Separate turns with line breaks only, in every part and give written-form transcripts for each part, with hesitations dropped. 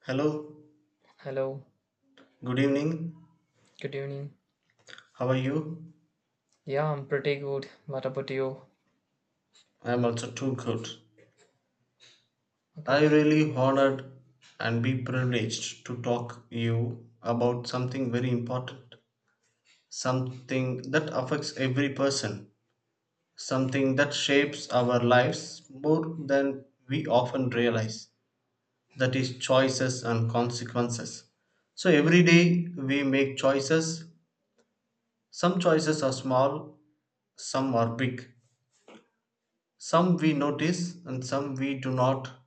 Hello,
Hello,
good evening.
good evening.
How are you?
Yeah, I'm pretty good. What about you?
I am also too good.
Okay.
I really honored and be privileged to talk you about something very important, something that affects every person, something that shapes our lives more than we often realize. That is choices and consequences. So every day we make choices. Some choices are small, some are big. Some we notice and some we do not,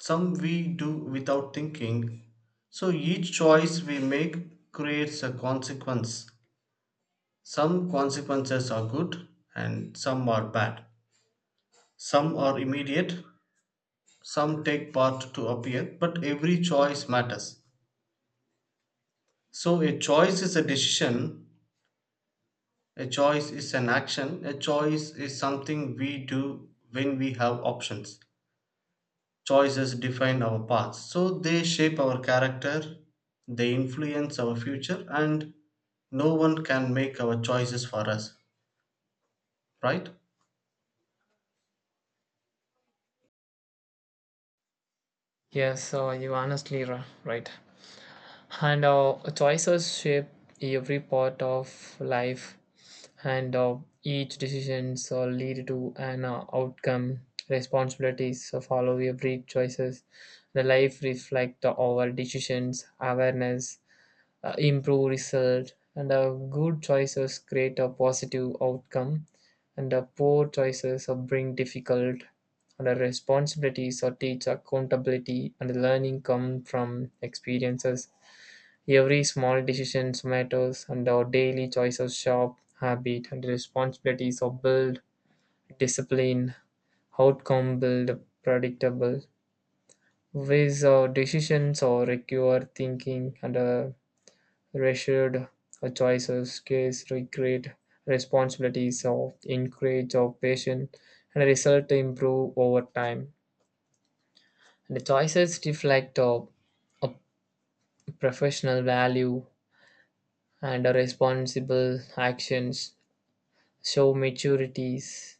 some we do without thinking. So each choice we make creates a consequence. Some consequences are good and some are bad. Some are immediate, some take part to appear, but every choice matters. So a choice is a decision, a choice is an action, a choice is something we do when we have options. Choices define our paths. So they shape our character, they influence our future, and no one can make our choices for us, right?
Yes, so you honestly right. And choices shape every part of life, and each decisions lead to an outcome. Responsibilities follow every choices. The life reflect our decisions, awareness, improve result and good choices create a positive outcome and poor choices bring difficult and responsibilities or teach accountability and learning come from experiences every small decisions matters and our daily choices shape habit and responsibilities are build discipline outcome build predictable ways our decisions or require thinking and reassured, choices, cares, regret, responsibilities of encourage our passion and result improve over time. The choices reflect a our professional value and our responsible actions show maturities.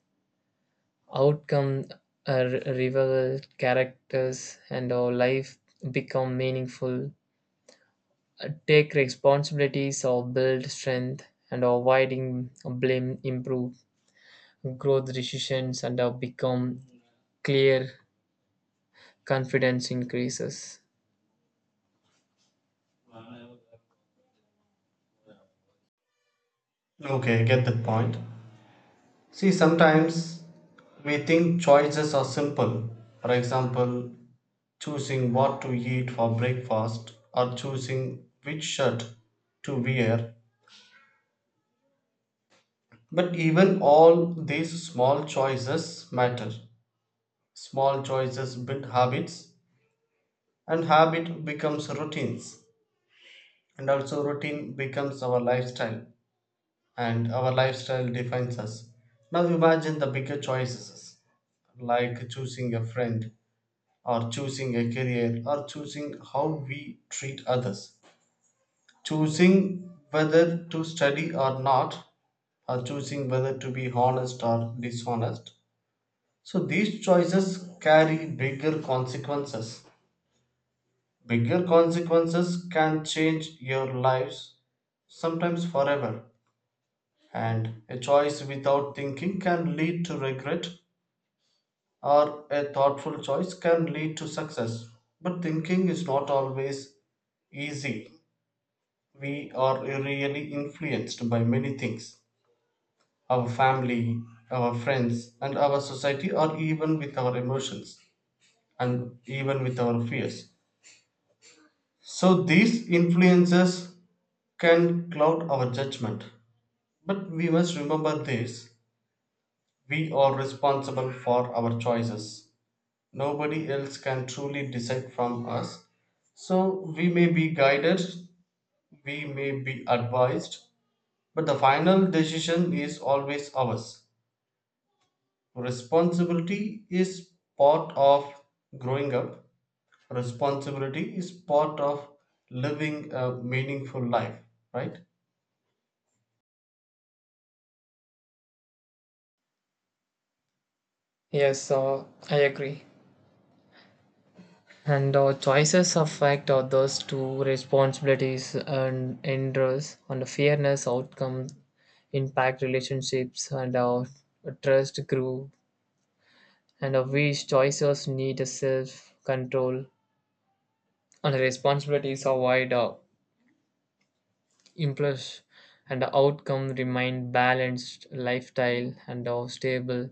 Outcome reveal characters and our life become meaningful. Take responsibilities or build strength and avoiding blame improve. Growth decisions and have become clear, confidence increases.
Okay, get that point. See, sometimes we think choices are simple. For example, choosing what to eat for breakfast or choosing which shirt to wear. But even all these small choices matter. Small choices build habits and habit becomes routines, and also routine becomes our lifestyle and our lifestyle defines us. Now imagine the bigger choices, like choosing a friend or choosing a career or choosing how we treat others, choosing whether to study or not, or choosing whether to be honest or dishonest. So these choices carry bigger consequences. Bigger consequences can change your lives, sometimes forever. And a choice without thinking can lead to regret, or a thoughtful choice can lead to success. But thinking is not always easy. We are really influenced by many things: our family, our friends, and our society, or even with our emotions and even with our fears. So, these influences can cloud our judgment. But we must remember this: we are responsible for our choices. Nobody else can truly decide from us. So we may be guided, we may be advised, but the final decision is always ours. Responsibility is part of growing up, responsibility is part of living a meaningful life, right?
Yes, I agree. And our choices affect others to responsibilities and interests and fairness outcome impact relationships and our trust grew and our which choices need a self control and responsibilities avoid our impulse and the outcome remain balanced lifestyle and our stable.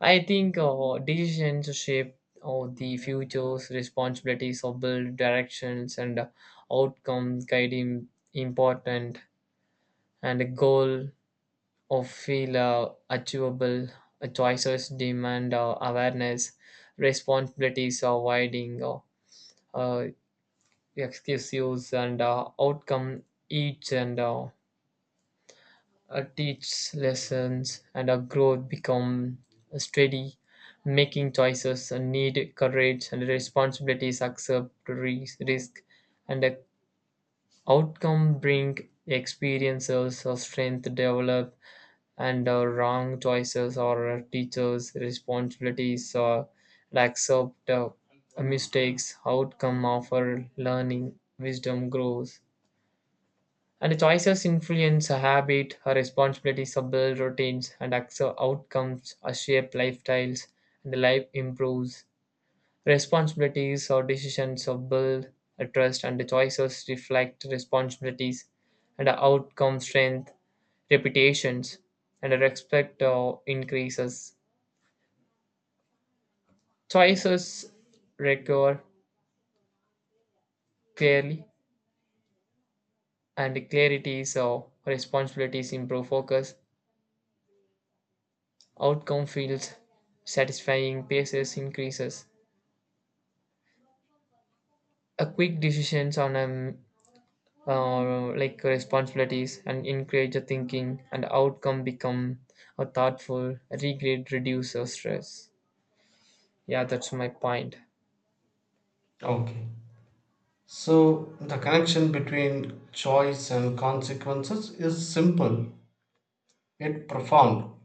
I think decisions shape the future's responsibilities of build directions and outcome guiding important and a goal of feel achievable. Choices demand awareness, responsibilities are widening, uh, excuses and outcome each and teach lessons and our growth become steady. Making choices and need courage and responsibilities accept risk and the outcome bring experiences of strength develop and wrong choices or teachers responsibilities or accept mistakes outcome offer learning wisdom grows and choices influence a habit, a responsibilities, a build routines, and also outcomes are shape lifestyles, and the life improves. Responsibilities or decisions are build a trust, and the choices reflect responsibilities, and the outcome strength, reputations, and the respect or increases. Choices recur clearly, and the clarities or responsibilities improve focus. Outcome feels satisfying, paces increases. A quick decisions on like responsibilities and encourage the thinking and outcome become a thoughtful regret reduce the stress. Yeah, that's my point.
Okay. So, the connection between choice and consequences is simple yet profound.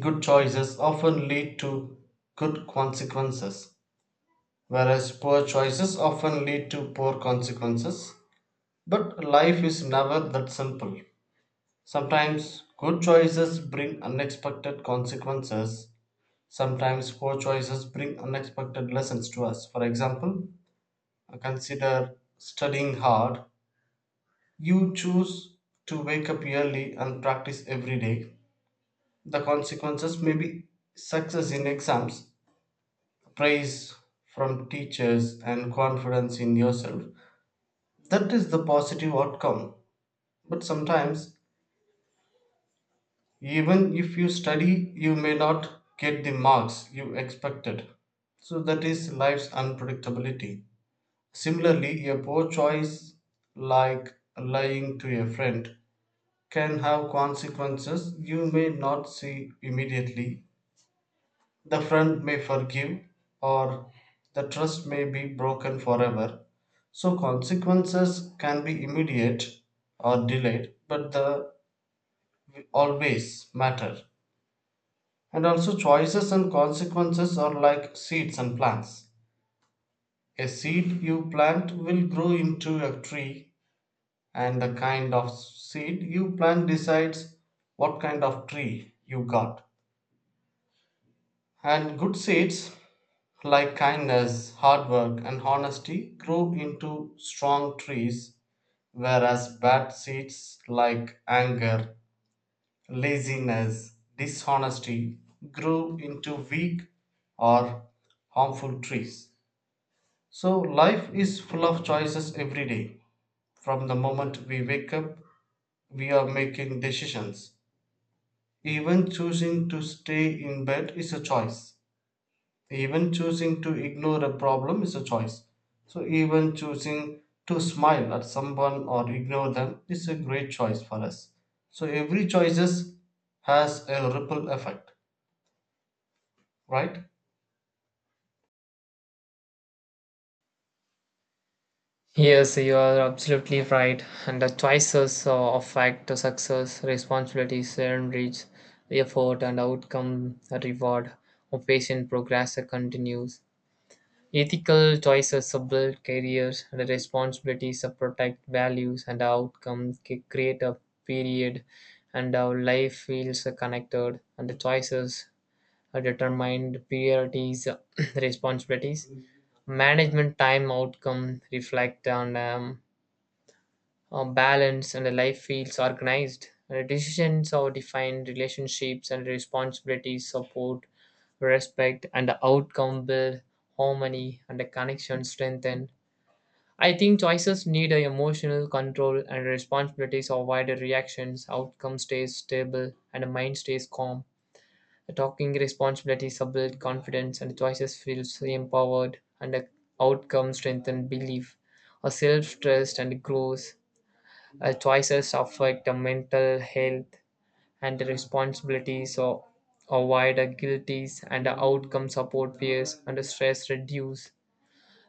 Good choices often lead to good consequences, whereas poor choices often lead to poor consequences. But life is never that simple. Sometimes good choices bring unexpected consequences. Sometimes poor choices bring unexpected lessons to us. For example, consider studying hard. You choose to wake up early and practice every day. The consequences may be success in exams, praise from teachers, and confidence in yourself. That is the positive outcome. But sometimes, even if you study, you may not get the marks you expected. So, that is life's unpredictability. Similarly, a poor choice like lying to a friend can have consequences you may not see immediately. The friend may forgive, or the trust may be broken forever. So, consequences can be immediate or delayed, but the always matter. And also, choices and consequences are like seeds and plants. A seed you plant will grow into a tree, and the kind of seed you plant decides what kind of tree you got. And good seeds like kindness, hard work, and honesty grow into strong trees, whereas bad seeds like anger, laziness, dishonesty grow into weak or harmful trees. So, life is full of choices every day. From the moment we wake up, we are making decisions. Even choosing to stay in bed is a choice. Even choosing to ignore a problem is a choice. So, even choosing to smile at someone or ignore them is a great choice for us. So, every choices has a ripple effect, right?
Yes, you are absolutely right. And the choices affect the success, responsibilities, and reach, effort, and outcome, a reward. A patient progress continues. Ethical choices support careers and responsibilities that protect values and outcomes create a period and our life feels connected and the choices are determined priorities responsibilities management time outcome reflect on them balanced and the life feels organized. And the decisions are defined, relationships and responsibilities support, respect, and the outcome build harmony and the connection strengthen. I think choices need a emotional control and responsibilities avoid the reactions. Outcome stays stable and the mind stays calm. The talking responsibilities are build confidence and the choices feels empowered and the outcome strengthen belief. A self trust and growth our choices affect the mental health and the responsibilities or avoid the guilties and the outcome support fears and the stress reduce.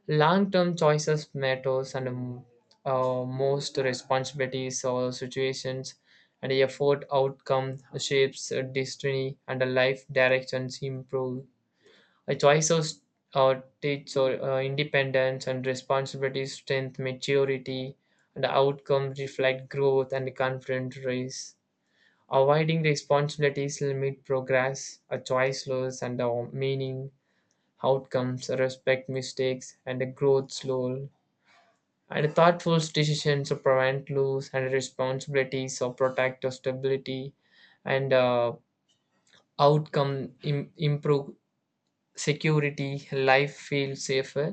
Long-term choices matters and most responsibilities or situations and the effort outcome shapes destiny and the life directions improve. A choices or teach or independence and responsibility, strength, maturity, and outcomes reflect growth and confident race. Avoiding responsibilities limit progress, a choice loss and meaning, outcomes, respect mistakes, and the growth slow. And thoughtful decisions to prevent loss and responsibilities or protect our stability and outcome improve security, life feels safer.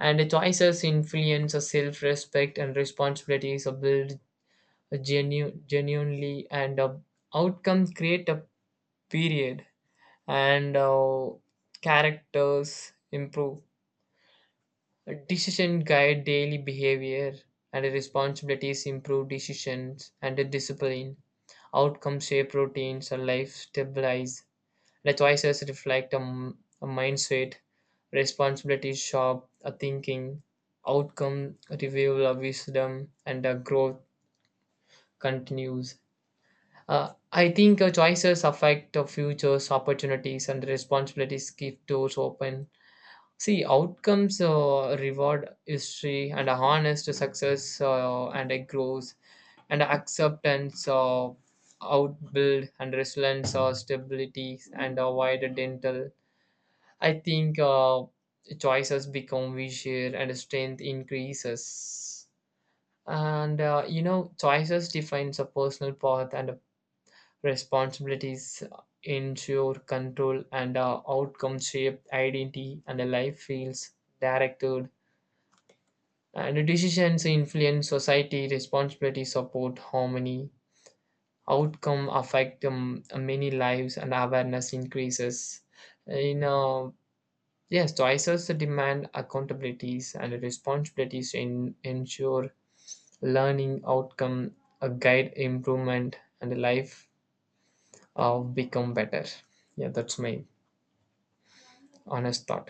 And the choices influence the self-respect and responsibilities are built genuinely, and outcomes create a period, and characters improve. Decision guide daily behavior, and the responsibilities improve decisions and the discipline. Outcomes shape routines, and life stabilize the choices reflect a, a mindset, responsibility, sharp a thinking, outcome, reveal a wisdom, and a growth continues. I think choices affect the futures, opportunities, and responsibilities keep doors open. See, outcomes reward history and a honest success and a growth and acceptance of outbuild and resilience or stability and avoid a dental. I think choices become visual and strength increases. And choices defines a personal path and responsibilities ensure control and outcome shape identity and the life feels directed. And decisions influence society, responsibility support harmony. Outcome affect many lives and awareness increases. You know Yes, to assess the demand accountabilities and responsibilities in ensure learning outcome, a guide improvement, and life of become better. Yeah, that's my honest thought.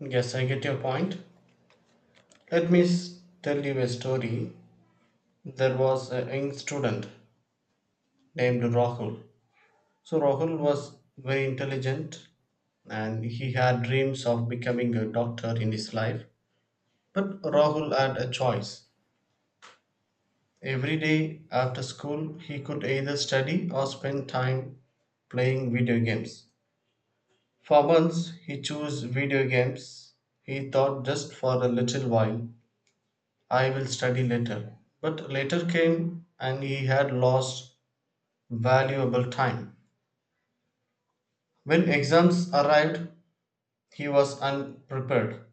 Yes, I get your point. Let me tell you a story. There was a young student named Rahul. So, Rahul was very intelligent and he had dreams of becoming a doctor in his life. But Rahul had a choice. Every day after school, he could either study or spend time playing video games. For months, he chose video games. He thought just for a little while, I will study later. But later came and he had lost valuable time. When exams arrived, he was unprepared.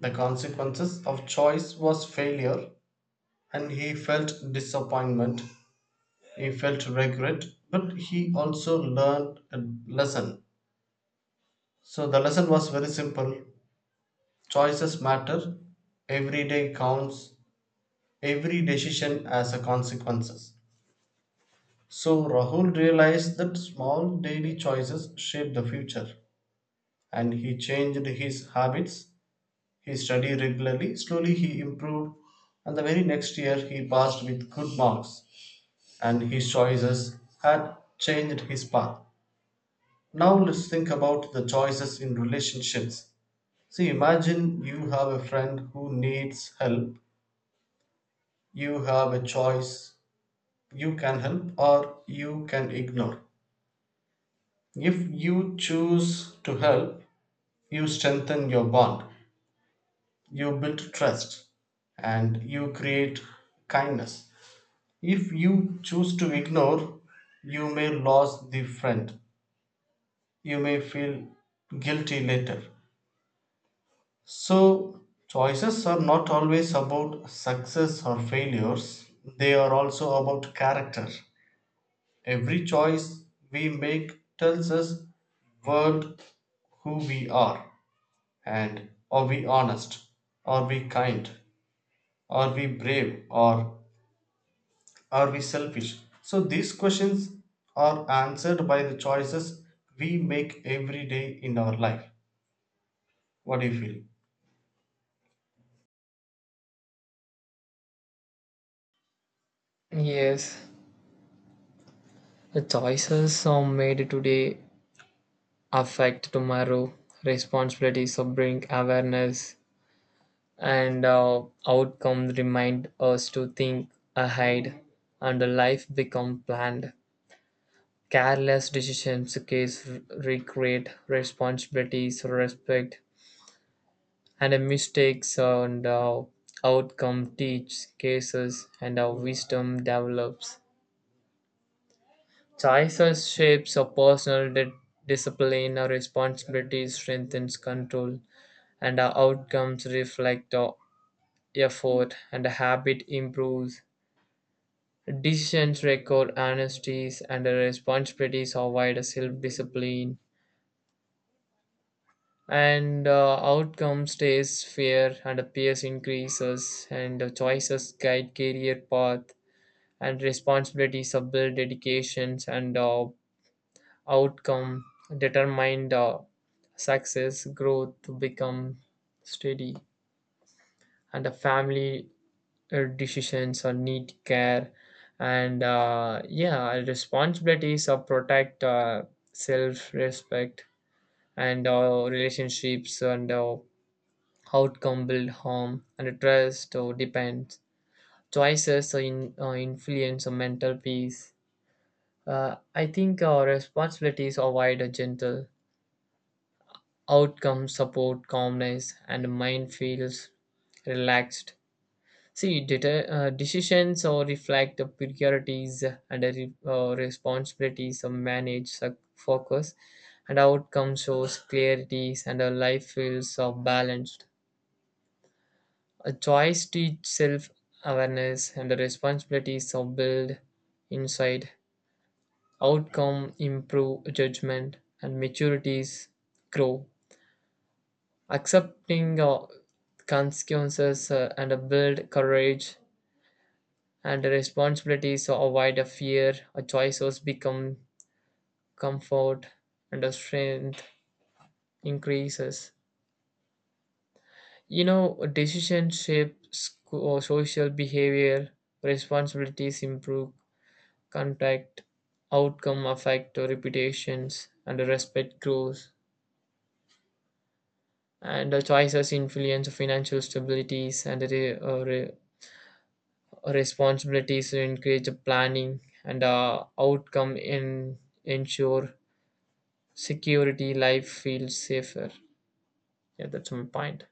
The consequences of choice was failure and he felt disappointment. He felt regret, but he also learned a lesson. So the lesson was very simple: choices matter, every day counts, every decision has a consequences. So Rahul realized that small daily choices shape the future and he changed his habits. He studied regularly, slowly he improved, and the very next year he passed with good marks and his choices had changed his path. Now let's think about the choices in relationships. See, imagine you have a friend who needs help. You have a choice. You can help or you can ignore. If you choose to help, you strengthen your bond, you build trust, and you create kindness. If you choose to ignore, you may lose the friend. You may feel guilty later. So, choices are not always about success or failures, they are also about character. Every choice we make tells us world who we are, and are we honest, are we kind, are we brave, or are we selfish? So these questions are answered by the choices we make every day in our life. What do you feel?
Yes, the choices are made today affect tomorrow. Responsibilities of bring awareness and outcome remind us to think ahead and the life become planned. Careless decisions can recreate responsibilities, respect, and mistakes, and how outcome teach cases, and our wisdom develops. Choices shapes our personal discipline, our responsibilities strengthens control, and our outcomes reflect our effort, and the habit improves. Decisions record honesties, and the responsibilities provide self-discipline and outcome stays fair and appears increases and the choices guide career path and responsibilities of build dedications and outcome determined success growth to become steady and the family decisions or need care and yeah responsibilities of protect self-respect and relationships and outcome build harm and trust or depends choices in, influence or mental peace. Uh, I think our responsibilities avoid a gentle outcome support calmness and mind feels relaxed. See decisions or reflect the priorities and the responsibilities of manage focus and outcome shows clarities and a life feels balanced. A choice to teach self awareness and the responsibilities of build inside, outcome improve judgment, and maturities grow. Accepting consequences and build courage and responsibilities or avoid a fear, a choices become comfort and a strength increases. You know, decision shapes social behavior, responsibilities improve contact outcome affect reputations and respect grows and the choices influence financial stabilities and responsibilities to encourage planning and outcome in ensure security life feels safer. Yeah, that's my point.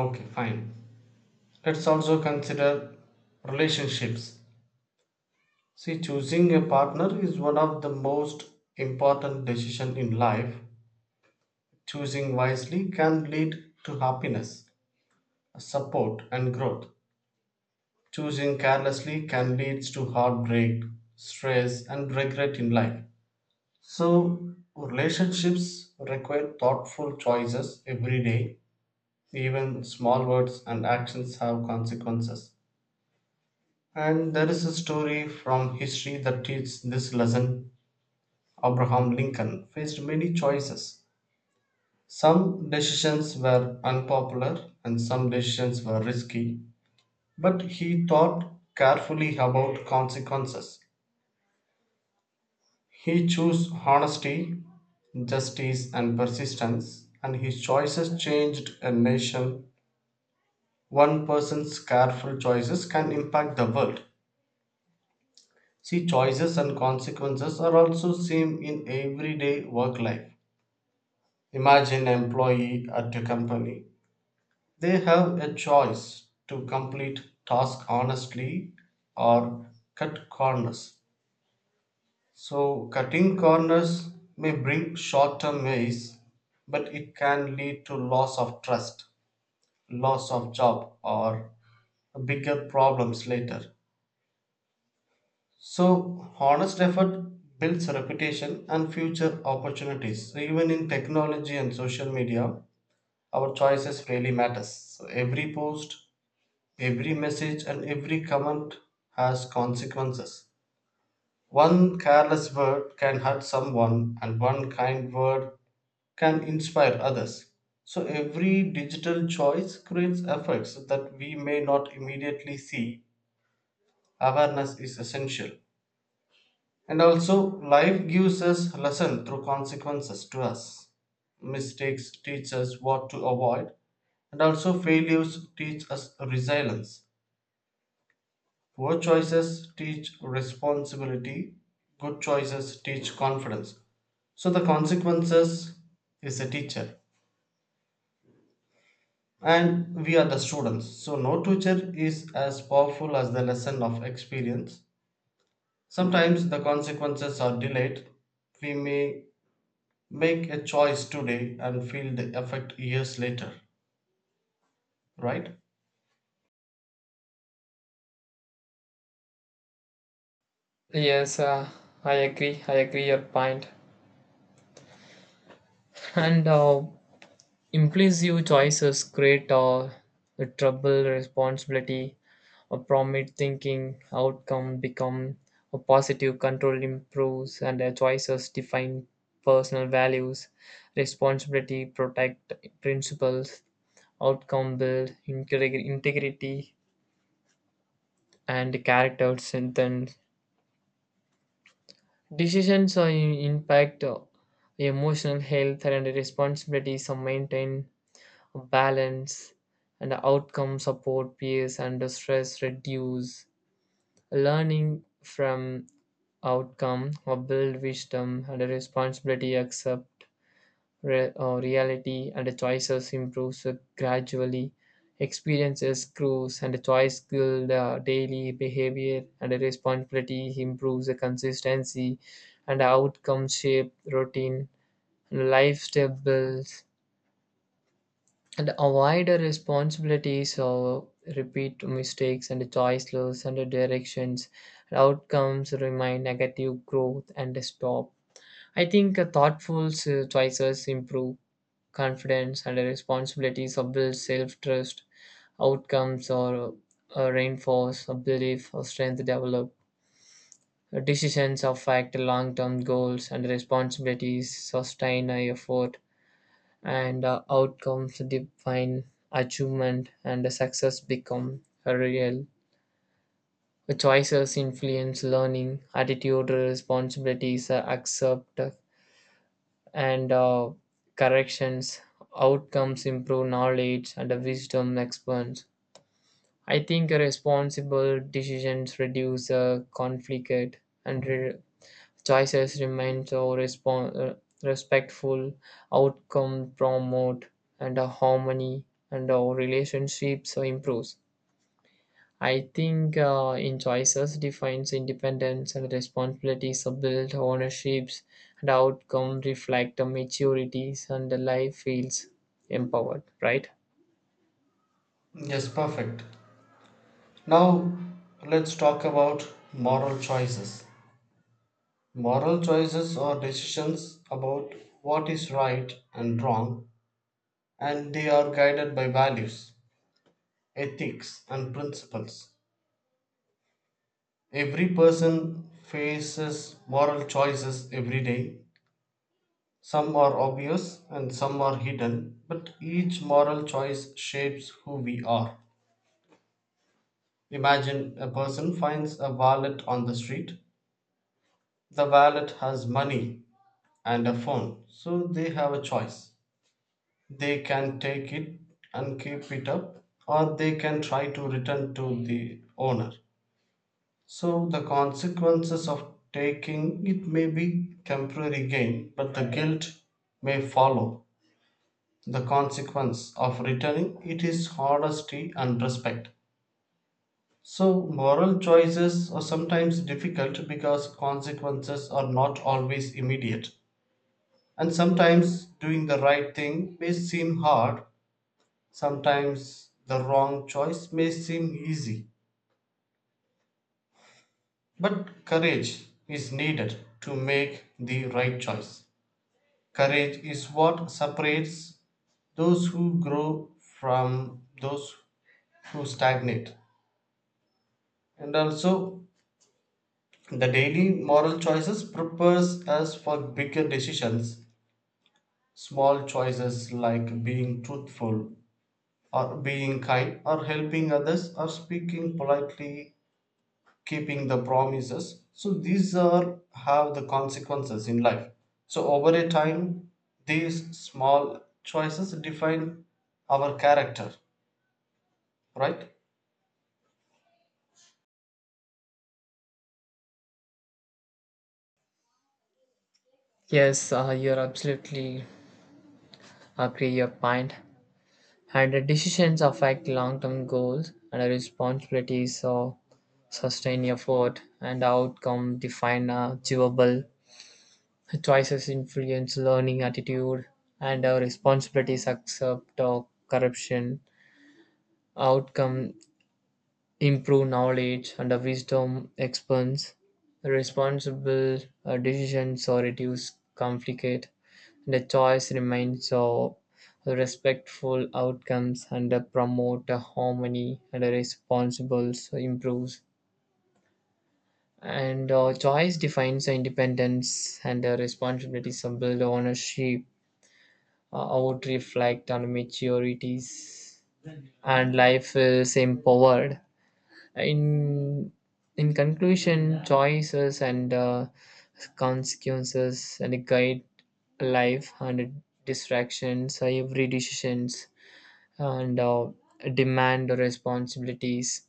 Okay, fine. Let's also consider relationships. See, choosing a partner is one of the most important decisions in life. Choosing wisely can lead to happiness, support, and growth. Choosing carelessly can lead to heartbreak, stress, and regret in life. So, relationships require thoughtful choices every day. Even small words and actions have consequences. And there is a story from history that teaches this lesson. Abraham Lincoln faced many choices. Some decisions were unpopular and some decisions were risky, but he thought carefully about consequences. He chose honesty, justice, and persistence, and his choices changed a nation. One person's careful choices can impact the world. See, choices and consequences are also same in everyday work life. Imagine employee at a company. They have a choice to complete task honestly or cut corners. So, cutting corners may bring short-term ways, but it can lead to loss of trust, loss of job, or bigger problems later. So, honest effort builds reputation and future opportunities. So, even in technology and social media, our choices really matters. So, every post, every message, and every comment has consequences. One careless word can hurt someone, and one kind word can inspire others. So, every digital choice creates effects that we may not immediately see. Awareness is essential. And also, life gives us lesson through consequences to us. Mistakes teach us what to avoid, and also failures teach us resilience. Poor choices teach responsibility. Good choices teach confidence. So the consequences is a teacher, and we are the students. So no teacher is as powerful as the lesson of experience. Sometimes the consequences are delayed. We may make a choice today and feel the effect years later, right?
Yes, I agree your point. And impulsive choices create the trouble, responsibility, a prominent thinking, outcome become a positive control improves, and their choices define personal values, responsibility protect principles, outcome build integrity, and character strengthen. Decisions impact emotional health and responsibilities are maintained balance and outcome support peers under stress reduce learning from outcome or build wisdom and a responsibility accept or reality and the choices improves gradually experiences grows and the choice build daily behavior and the responsibility improves the consistency and the outcome shape routine and lifestyle builds and avoid the responsibilities of repeat mistakes and choiceless and directions outcomes remain negative growth and stop. I think thoughtful choices improve confidence and responsibilities of build self-trust outcomes or reinforce a belief or strength develop. Decisions affect long-term goals and responsibilities sustain a effort and outcomes define achievement and success become real. Choices influence learning attitude responsibilities accept and corrections outcomes improve knowledge and the wisdom expands. I think responsible decisions reduce conflict and choices remain to respectful outcome promote and a harmony and our relationships improves. I think in choices defines independence and responsibilities are built ownerships and outcome reflect the maturities and the life feels empowered, right?
Yes, perfect. Now let's talk about moral choices. Moral choices are decisions about what is right and wrong, and they are guided by values, ethics, and principles. Every person faces moral choices every day. Some are obvious and some are hidden, but each moral choice shapes who we are. Imagine a person finds a wallet on the street. The wallet has money and a phone, so they have a choice. They can take it and keep it up, or they can try to return to the owner. So, the consequences of taking it may be temporary gain, but the guilt may follow. The consequence of returning it is honesty and respect. So, moral choices are sometimes difficult because consequences are not always immediate. And sometimes doing the right thing may seem hard, sometimes the wrong choice may seem easy. But courage is needed to make the right choice. Courage is what separates those who grow from those who stagnate. And also, the daily moral choices prepares us for bigger decisions. Small choices like being truthful or being kind or helping others or speaking politely, keeping the promises. So these are have the consequences in life. So over a time, these small choices define our character, right?
Yes, you're absolutely agree your point. And the decisions affect long-term goals and the responsibilities so sustained effort and outcome define achievable choices influence learning attitude and our responsibilities accept or corruption outcome improve knowledge and the wisdom expands responsible decisions or reduce conflict the choice remains of respectful outcomes and promote harmony and responsible so improves. And choice defines independence and responsibility, some build ownership, out reflect on maturities, and life is empowered. in in conclusion choices and consequences and guide life and distractions every decisions and demand responsibilities.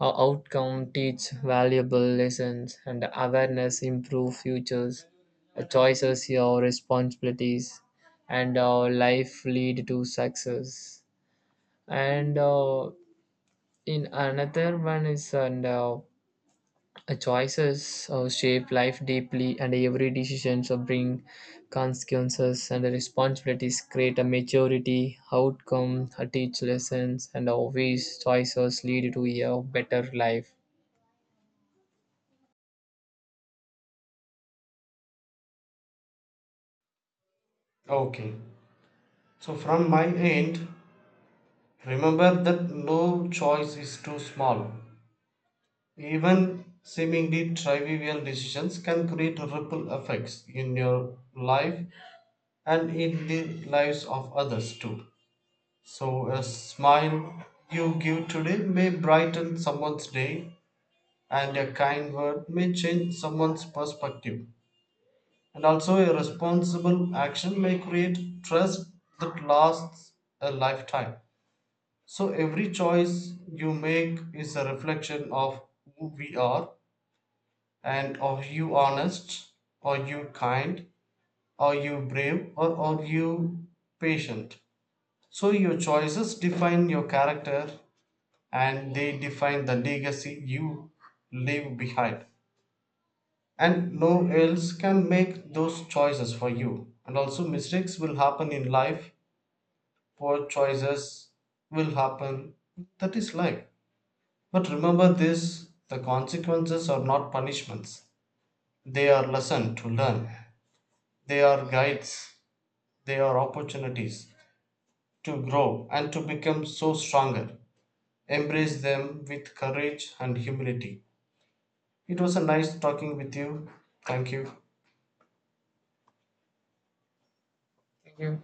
Our outcome teach valuable lessons and awareness improve futures. Choices your responsibilities and our life lead to success and in another one is and choices shape life deeply, and every decision so bring consequences and the responsibilities create a maturity outcome, teach lessons, and always choices lead to a better life.
Okay. So from my end, remember that no choice is too small. Even seemingly trivial decisions can create ripple effects in your life and in the lives of others too. So, a smile you give today may brighten someone's day, and a kind word may change someone's perspective. And also, a responsible action may create trust that lasts a lifetime. So, every choice you make is a reflection of who we are. And are you honest? Are you kind? Are you brave? Or are you patient? So your choices define your character and they define the legacy you leave behind. And no else can make those choices for you. And also, mistakes will happen in life, poor choices will happen. That is life. But remember this: the consequences are not punishments, they are lessons to learn. They are guides, they are opportunities to grow and to become so stronger. Embrace them with courage and humility. It was a nice talking with you. Thank you.
Thank you.